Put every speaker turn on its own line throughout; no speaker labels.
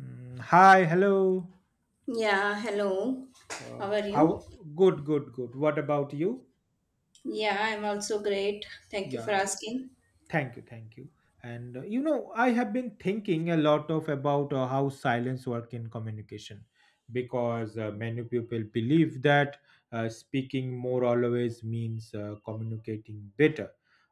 Hi, hello.
Yeah, hello. How are you?
How Good, good, good. What about you?
Yeah, I'm also great. Thank you for
Yeah,
asking.
thank you, thank you. And I have been thinking a lot of about how silence work in communication, because many people believe that speaking more always means communicating better.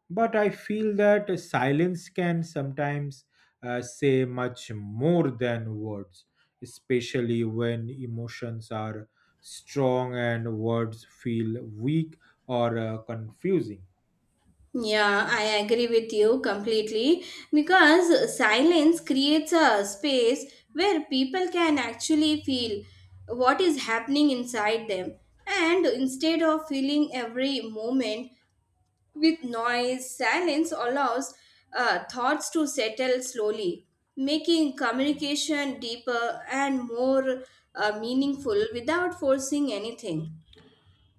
But I feel that silence can sometimes say much more than words, especially when emotions are strong and words feel weak or confusing.
Yeah, I agree with you completely because silence creates a space where people can actually feel what is happening inside them. And instead of feeling every moment with noise, silence allows thoughts to settle slowly, making communication deeper and more meaningful without forcing anything.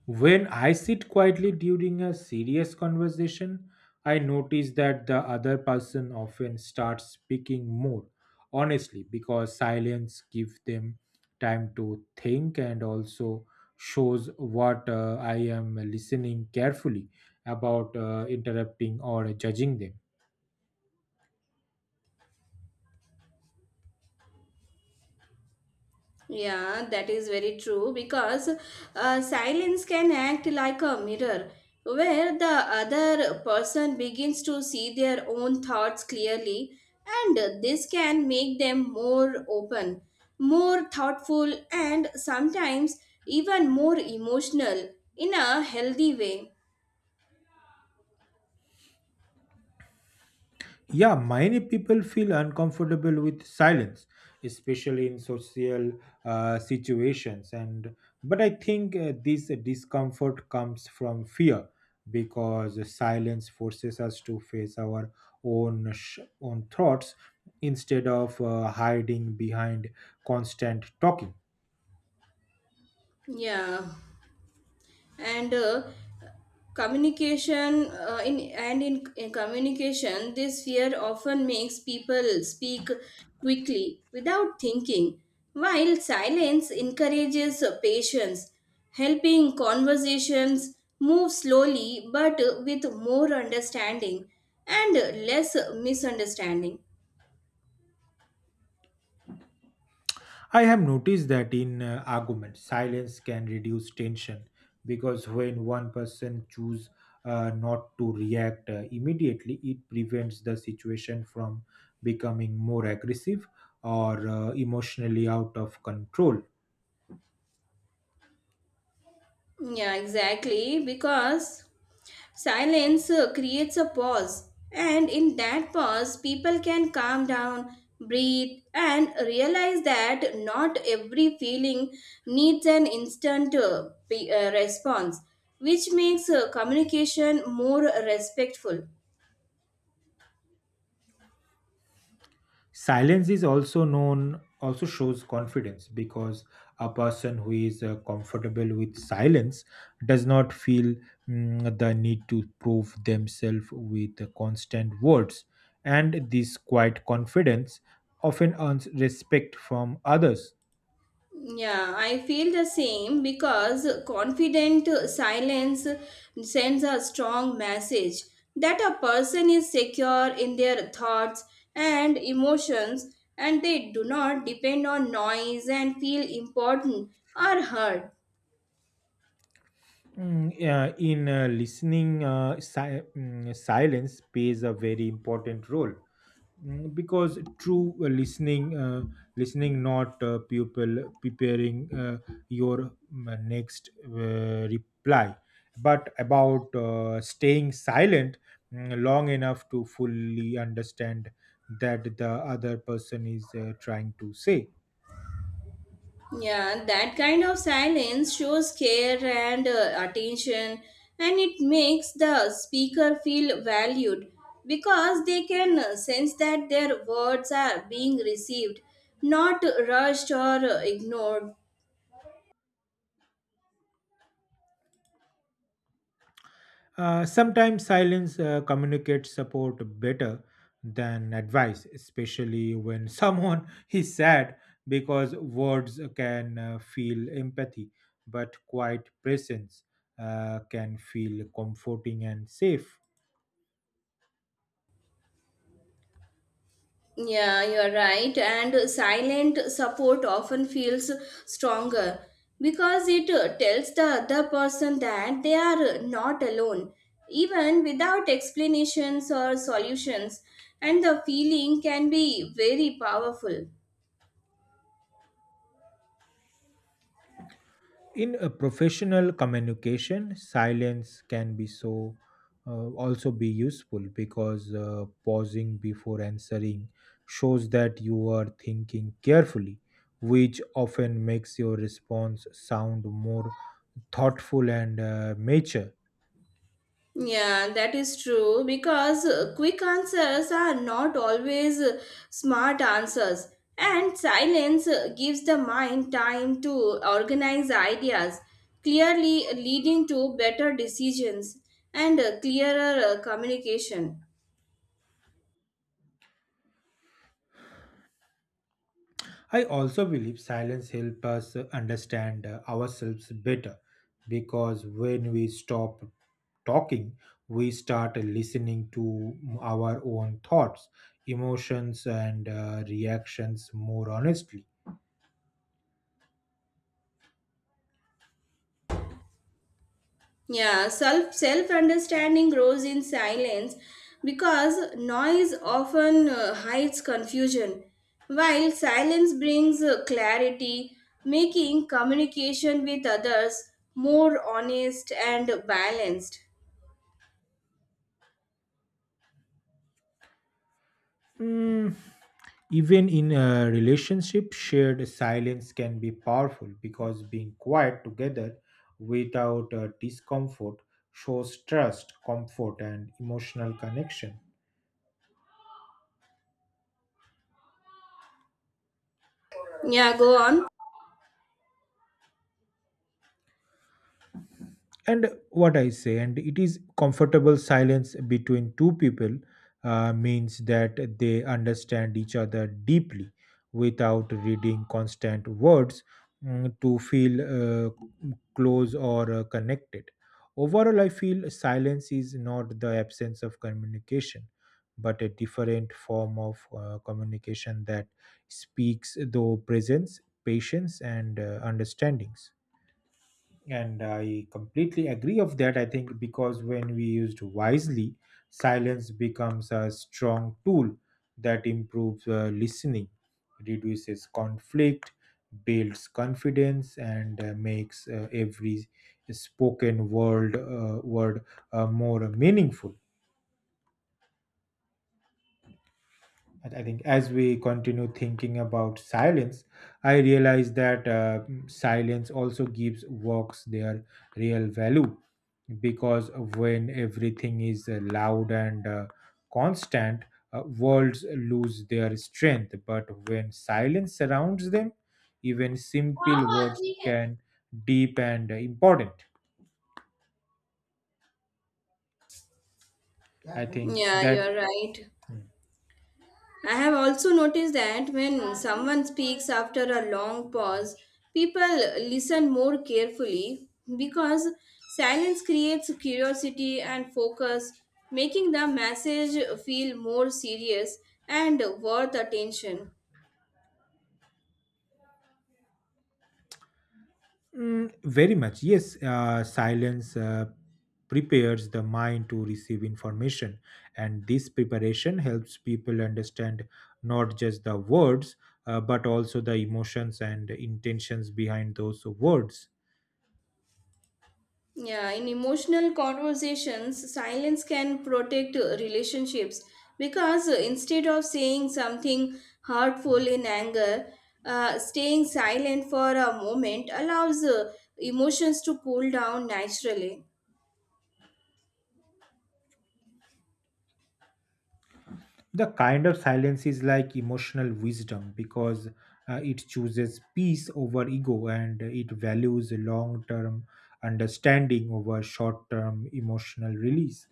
When I sit quietly during a serious conversation, I notice that the other person often starts speaking more honestly because silence gives them time to think and also shows what I am listening carefully about interrupting or judging them.
Yeah, that is very true because silence can act like a mirror where the other person begins to see their own thoughts clearly, and this can make them more open, more thoughtful, and sometimes even more emotional in a healthy way.
Yeah, many people feel uncomfortable with silence, especially in social situations. And but I think this discomfort comes from fear because silence forces us to face our own thoughts instead of hiding behind constant talking.
Yeah, and communication in communication this fear often makes people speak quickly without thinking while silence encourages patience helping conversations move slowly but with more understanding and less misunderstanding.
I have noticed that in arguments, silence can reduce tension because when one person chooses not to react immediately, it prevents the situation from becoming more aggressive or emotionally out of control.
Yeah, exactly, because silence creates a pause, and in that pause, people can calm down, breathe, and realize that not every feeling needs an instant response, which makes communication more respectful.
Silence is also known also shows confidence because a person who is comfortable with silence does not feel the need to prove themselves with constant words, and this quiet confidence often earns respect from others.
Yeah, I feel the same because confident silence sends a strong message that a person is secure in their thoughts and emotions and they do not depend on noise and feel important or heard.
Mm, yeah, in listening, silence plays a very important role. Because true listening, not people preparing your next reply, but about staying silent long enough to fully understand that the other person is trying to say.
Yeah, that kind of silence shows care and attention, and it makes the speaker feel valued because they can sense that their words are being received, not rushed or ignored.
Sometimes silence communicates support better than advice, especially when someone is sad, because words can feel empathy, but quiet presence can feel comforting and safe.
Yeah, you're right. And silent support often feels stronger because it tells the other person that they are not alone, even without explanations or solutions. And the feeling can be very powerful.
In a professional communication silence can be so also be useful because pausing before answering shows that you are thinking carefully, which often makes your response sound more thoughtful and mature.
Yeah, that is true because quick answers are not always smart answers, and silence gives the mind time to organize ideas, clearly leading to better decisions and clearer communication.
I also believe silence helps us understand ourselves better because when we stop talking, we start listening to our own thoughts, emotions, and reactions more honestly.
Yeah, self understanding grows in silence because noise often hides confusion, while silence brings clarity, making communication with others more honest and balanced.
Mm, Even in a relationship, shared silence can be powerful because being quiet together without discomfort shows trust, comfort, and emotional connection.
Yeah, go on.
And what I say, and it is comfortable silence between two people means that they understand each other deeply without reading constant words to feel close or connected. Overall, I feel silence is not the absence of communication but a different form of communication that speaks though presence, patience, and understandings. And I completely agree of that. I think because when we used wisely, silence becomes a strong tool that improves listening, reduces conflict, builds confidence, and makes every spoken word more meaningful. I think as we continue thinking about silence, I realize that silence also gives works their real value because when everything is loud and constant, words lose their strength. But when silence surrounds them, even simple words can deep and important. I think
Yeah,
that.
you're right. I have also noticed that when someone speaks after a long pause, people listen more carefully because silence creates curiosity and focus, making the message feel more serious and worth attention.
Mm, very much, yes. Silence prepares the mind to receive information, and this preparation helps people understand not just the words but also the emotions and intentions behind those words.
Yeah, in emotional conversations, silence can protect relationships because instead of saying something hurtful in anger, staying silent for a moment allows emotions to cool down naturally.
The kind of silence is like emotional wisdom because it chooses peace over ego, and it values long term understanding over short term emotional release.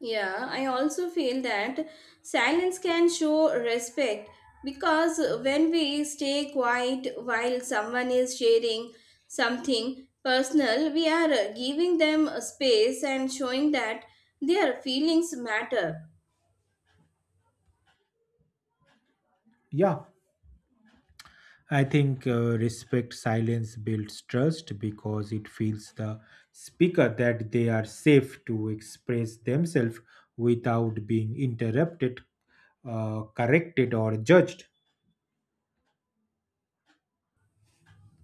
Yeah, I also feel that silence can show respect because when we stay quiet while someone is sharing something personal, we are giving them a space and showing that their feelings matter.
Yeah, I think respect silence builds trust because it feels the speaker that they are safe to express themselves without being interrupted, corrected, or judged.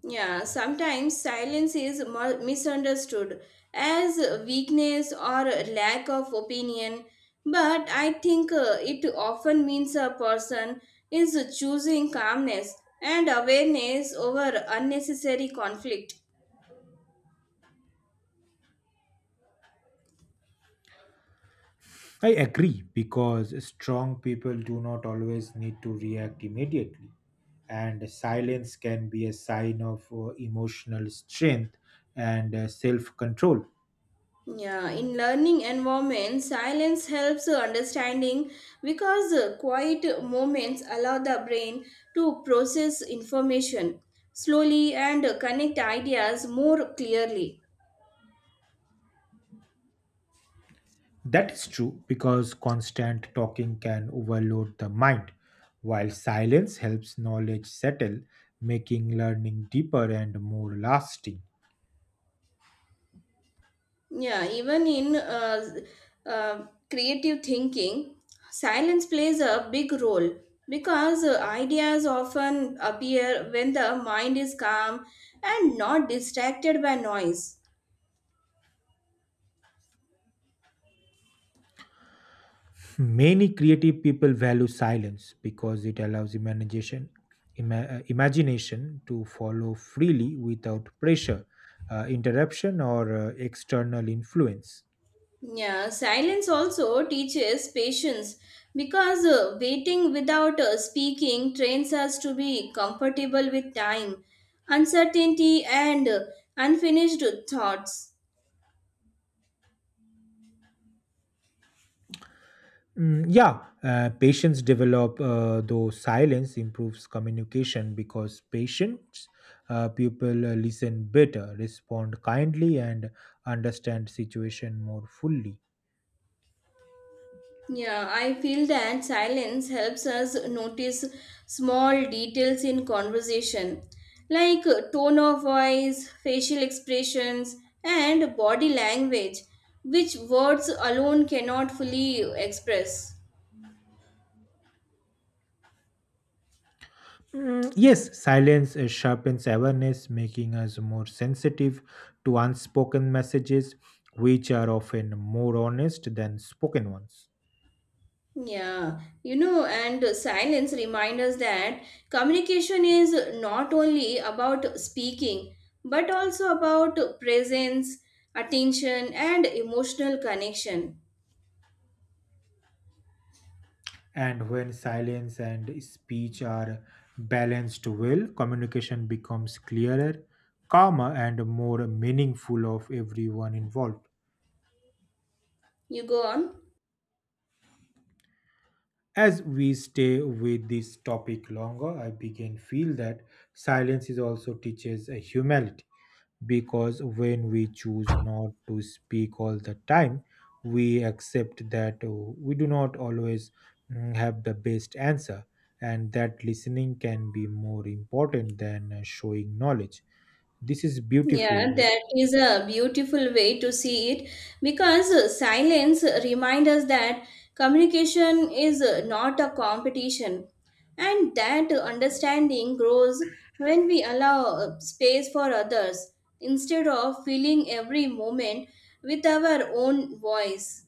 Yeah, sometimes silence is misunderstood as weakness or lack of opinion, but I think it often means a person is choosing calmness and awareness over unnecessary conflict.
I agree because strong people do not always need to react immediately, and silence can be a sign of emotional strength and self control.
Yeah, in learning environment, silence helps understanding because quiet moments allow the brain to process information slowly and connect ideas more clearly.
That is true because constant talking can overload the mind, while silence helps knowledge settle, making learning deeper and more lasting.
Yeah, even in creative thinking, silence plays a big role because ideas often appear when the mind is calm and not distracted by noise.
Many creative people value silence because it allows imagination to follow freely without pressure, interruption, or external influence.
Yeah, silence also teaches patience because waiting without speaking trains us to be comfortable with time, uncertainty, and unfinished thoughts.
Mm, yeah, patients develop, though silence improves communication because patients, people listen better, respond kindly, and understand situation more fully.
Yeah, I feel that silence helps us notice small details in conversation, like tone of voice, facial expressions, and body language, which words alone cannot fully express.
Mm, yes, silence sharpens awareness, making us more sensitive to unspoken messages, which are often more honest than spoken ones.
Yeah, you know, and silence reminds us that communication is not only about speaking, but also about presence, attention, and emotional connection.
And when silence and speech are balanced well, communication becomes clearer, calmer, and more meaningful of everyone involved.
You go on.
As we stay with this topic longer, I begin feel that silence is also teaches a humility because when we choose not to speak all the time, we accept that we do not always have the best answer, and that listening can be more important than showing knowledge. This is beautiful.
Yeah, that is a beautiful way to see it because silence reminds us that communication is not a competition and that understanding grows when we allow space for others instead of filling every moment with our own voice.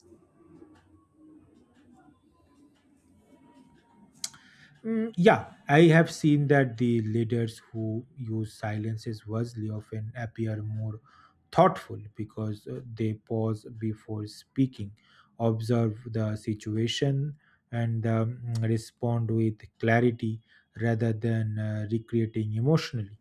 Mm, yeah, I have seen that the leaders who use silences wisely often appear more thoughtful because they pause before speaking, observe the situation, and respond with clarity rather than recreating emotionally.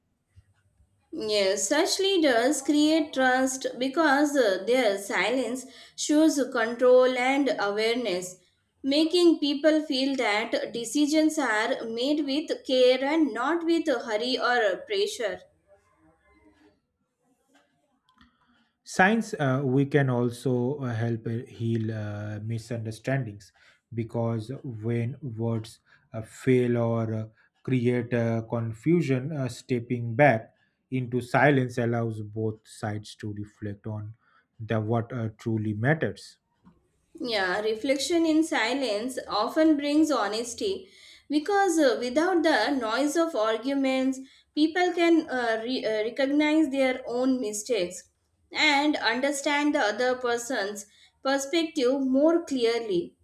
Yes, such leaders create trust because their silence shows control and awareness, making people feel that decisions are made with care and not with hurry or pressure.
Science we can also help heal misunderstandings because when words fail or create confusion, stepping back into silence allows both sides to reflect on the what truly matters.
Yeah, reflection in silence often brings honesty because without the noise of arguments, people can recognize their own mistakes and understand the other person's perspective more clearly.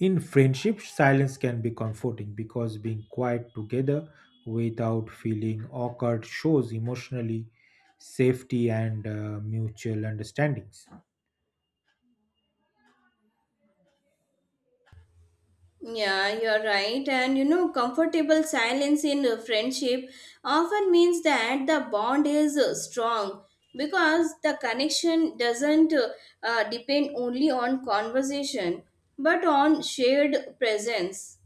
In friendship, silence can be comforting because being quiet together without feeling awkward shows emotionally safety and mutual understandings.
Yeah, you're right. And you know, comfortable silence in a friendship often means that the bond is strong because the connection doesn't depend only on conversation but on shared presence.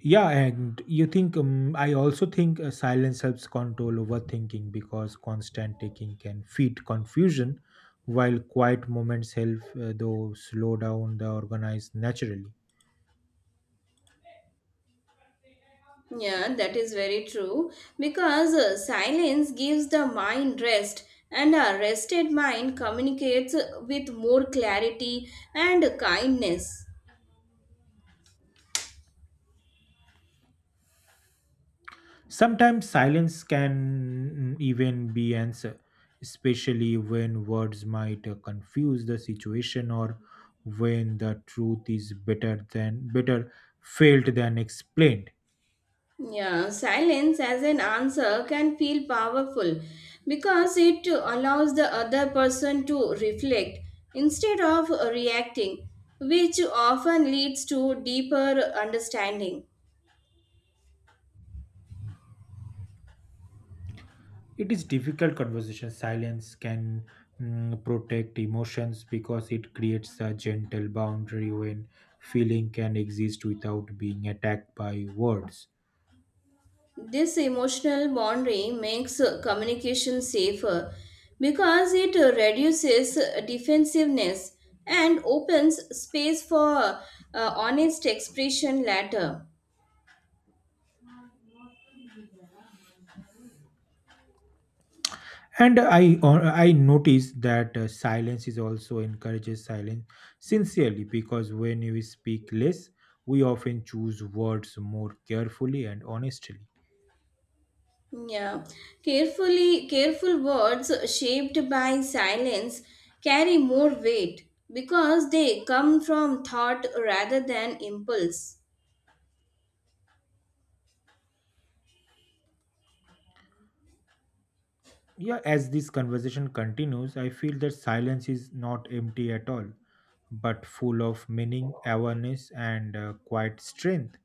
Yeah, and you think I also think silence helps control overthinking because constant taking can feed confusion, while quiet moments help though slow down the organized naturally.
Yeah, that is very true because silence gives the mind rest, and a rested mind communicates with more clarity and kindness.
Sometimes silence can even be answer, especially when words might confuse the situation or when the truth is better than better felt than explained.
Yeah, silence as an answer can feel powerful because it allows the other person to reflect instead of reacting, which often leads to deeper understanding.
It is difficult conversation silence can protect emotions because it creates a gentle boundary when feeling can exist without being attacked by words.
This emotional boundary makes communication safer because it reduces defensiveness and opens space for honest expression later.
And I notice that silence is also encourages silence sincerely because when we speak less, we often choose words more carefully and honestly.
Yeah, careful words shaped by silence carry more weight because they come from thought rather than impulse.
Yeah, as this conversation continues, I feel that silence is not empty at all, but full of meaning, awareness, and quiet strength.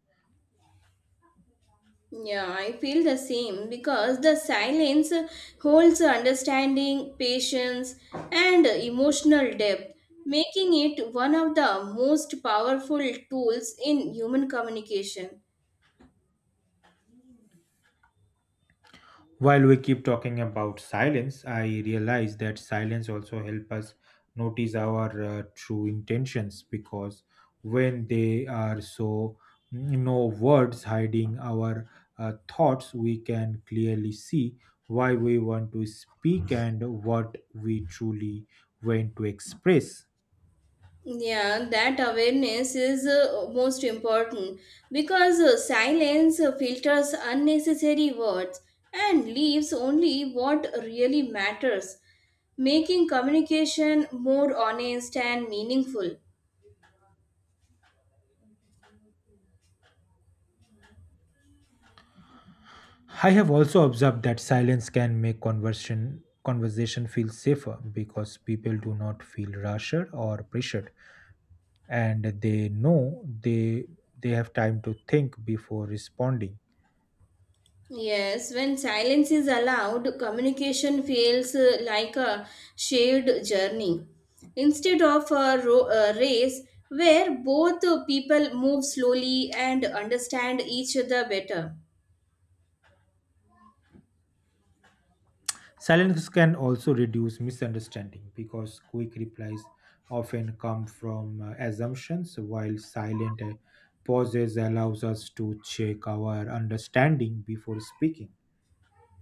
Yeah, I feel the same because the silence holds understanding, patience, and emotional depth, making it one of the most powerful tools in human communication.
While we keep talking about silence, I realize that silence also help us notice our true intentions because when they are so no words hiding our thoughts, we can clearly see why we want to speak and what we truly want to express.
Yeah, that awareness is most important because silence filters unnecessary words and leaves only what really matters, making communication more honest and meaningful.
I have also observed that silence can make conversation feel safer because people do not feel rushed or pressured, and they know they have time to think before responding.
Yes, when silence is allowed, communication feels like a shared journey instead of a a race where both people move slowly and understand each other better.
Silence can also reduce misunderstanding because quick replies often come from assumptions while silent pauses allows us to check our understanding before speaking.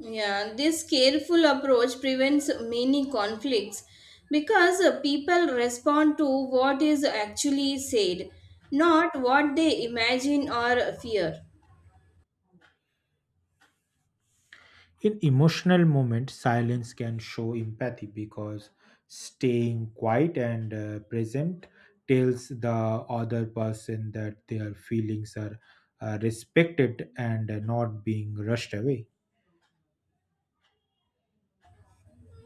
Yeah, this careful approach prevents many conflicts because people respond to what is actually said, not what they imagine or fear.
In emotional moments, silence can show empathy because staying quiet and present tells the other person that their feelings are respected and not being rushed away.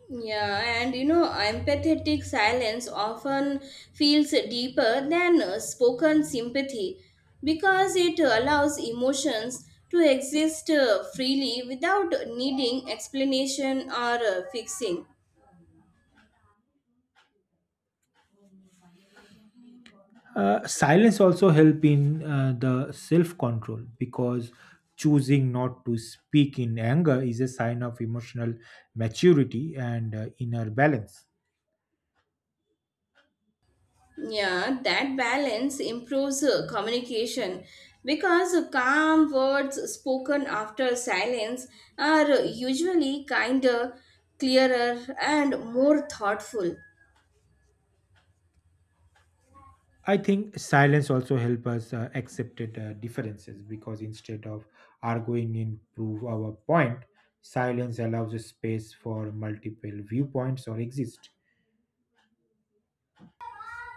Yeah, and you know, empathetic silence often feels deeper than spoken sympathy because it allows emotions to exist freely without needing explanation or fixing.
Silence also help in the self control because choosing not to speak in anger is a sign of emotional maturity and inner balance.
Yeah, that balance improves communication because calm words spoken after silence are usually kinder, clearer, and more thoughtful.
I think silence also help us accept differences because instead of arguing and prove our point, silence allows a space for multiple viewpoints or exist.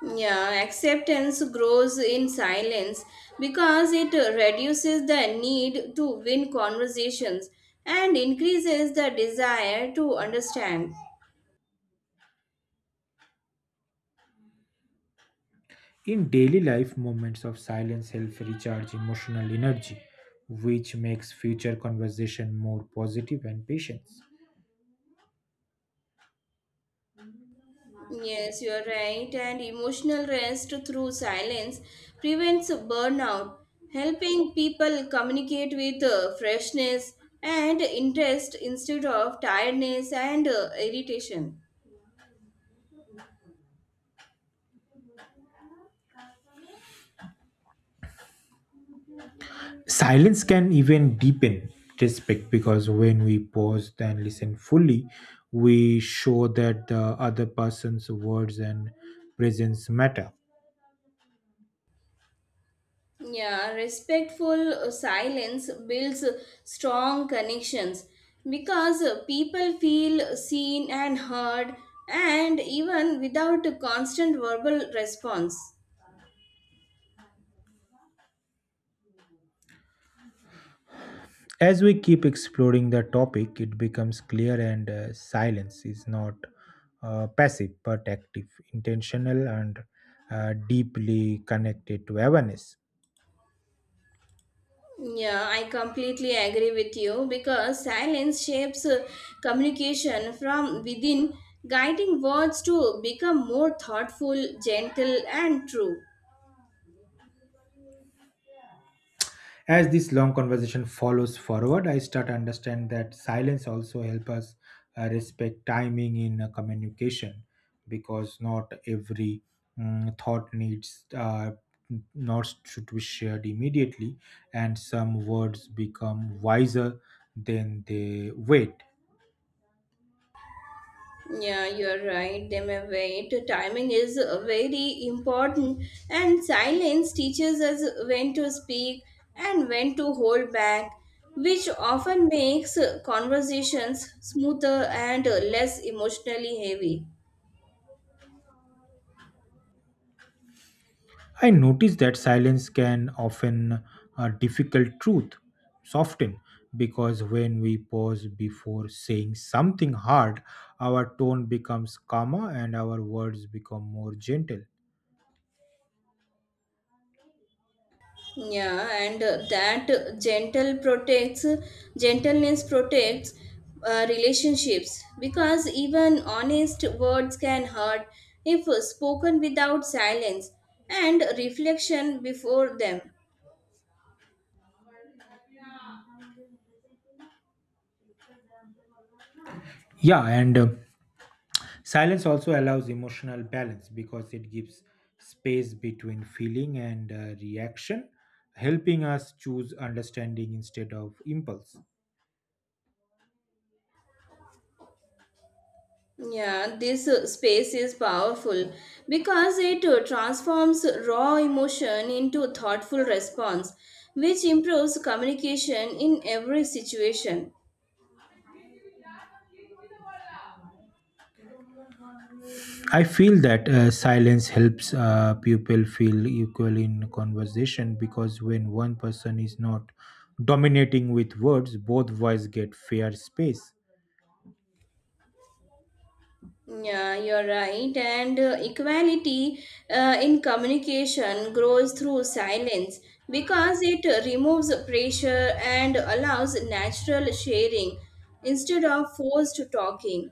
Yeah, acceptance grows in silence because it reduces the need to win conversations and increases the desire to understand.
In daily life, moments of silence help recharge emotional energy, which makes future conversation more positive and patient.
Yes, you are right. And emotional rest through silence prevents burnout, helping people communicate with freshness and interest instead of tiredness and irritation.
Silence can even deepen respect because when we pause and listen fully, we show that the other person's words and presence matter.
Yeah, respectful silence builds strong connections because people feel seen and heard, and even without a constant verbal response.
As we keep exploring the topic, it becomes clear and silence is not passive but active, intentional, and deeply connected to awareness.
Yeah, I completely agree with you because silence shapes communication from within, guiding words to become more thoughtful, gentle, and true.
As this long conversation follows forward, I start to understand that silence also help us respect timing in communication because not every thought needs not should be shared immediately, and some words become wiser than they wait.
Yeah, you're right. They may wait. Timing is very important, and silence teaches us when to speak and when to hold back, which often makes conversations smoother and less emotionally heavy.
I noticed that silence can often a difficult truth soften because when we pause before saying something hard, our tone becomes calmer and our words become more gentle.
Yeah, and that gentle protects gentleness protects relationships because even honest words can hurt if spoken without silence and reflection before them.
Yeah, and silence also allows emotional balance because it gives space between feeling and reaction, helping us choose understanding instead of impulse.
Yeah, this space is powerful because it transforms raw emotion into thoughtful response, which improves communication in every situation.
I feel that silence helps people feel equal in conversation because when one person is not dominating with words, both voices get fair space.
Yeah, you're right. And equality in communication grows through silence because it removes pressure and allows natural sharing instead of forced talking.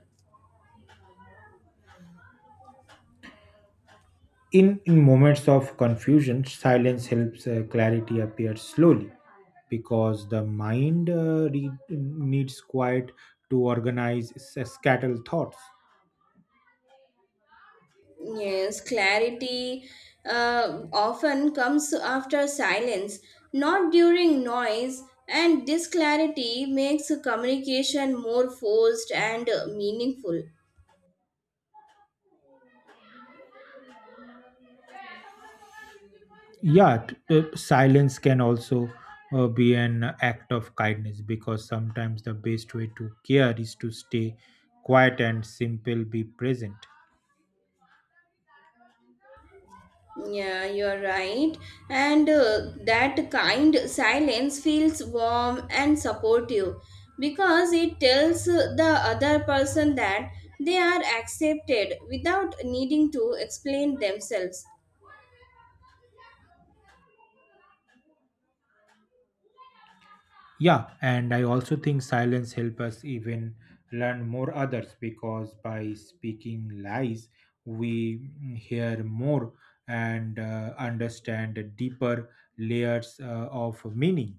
In moments of confusion, silence helps clarity appear slowly because the mind needs quiet to organize scattered thoughts.
Yes, clarity often comes after silence, not during noise, and this clarity makes communication more forced and meaningful.
Yeah, silence can also be an act of kindness because sometimes the best way to care is to stay quiet and simple be present.
Yeah, you're right. And that kind silence feels warm and supportive because it tells the other person that they are accepted without needing to explain themselves.
Yeah, and I also think silence help us even learn more others because by speaking lies we hear more and understand deeper layers of meaning.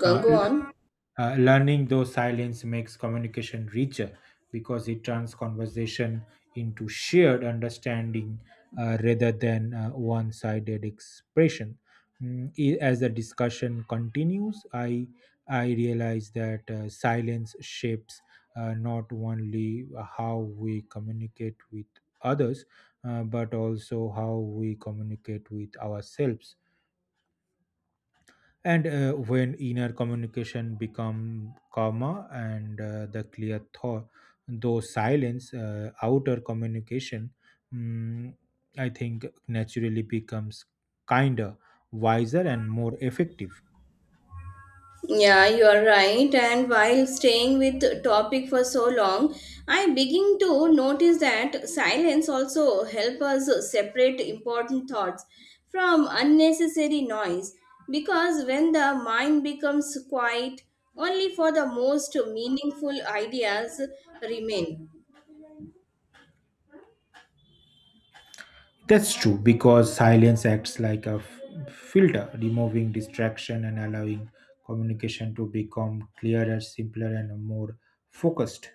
Go
Uh,
go
l-
on.
Learning those silence makes communication richer because it turns conversation into shared understanding rather than one-sided expression. As the discussion continues, I realize that silence shapes not only how we communicate with others, but also how we communicate with ourselves. And when inner communication become calmer, and the clear thought though silence outer communication mm, I think naturally becomes kinder, wiser, and more effective.
Yeah, you are right. And while staying with the topic for so long, I begin to notice that silence also help us separate important thoughts from unnecessary noise. Because when the mind becomes quiet, only for the most meaningful ideas remain.
That's true because silence acts like a filter, removing distraction and allowing communication to become clearer, simpler, and more focused.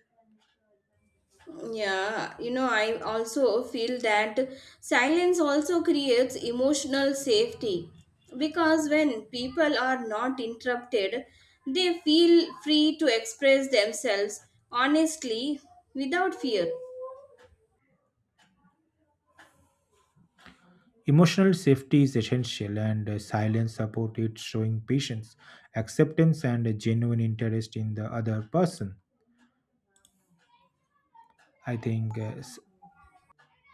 Yeah, you know, I also feel that silence also creates emotional safety because when people are not interrupted, they feel free to express themselves honestly without fear.
Emotional safety is essential, and silence support it, showing patience, acceptance, and a genuine interest in the other person. I think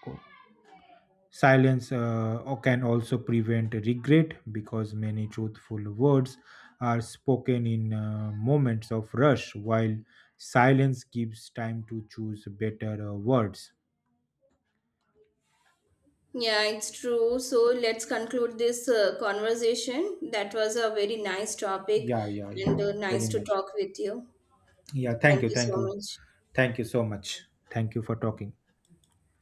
co- silence can also prevent regret because many truthful words are spoken in moments of rush, while silence gives time to choose better words.
Yeah, it's true. So let's conclude this conversation. That was a very nice topic
Yeah, yeah, yeah,
and nice
very
to
much.
talk with you.
Yeah, thank
Thank
you,
you so
thank you,
much.
thank you so much. Thank you for talking.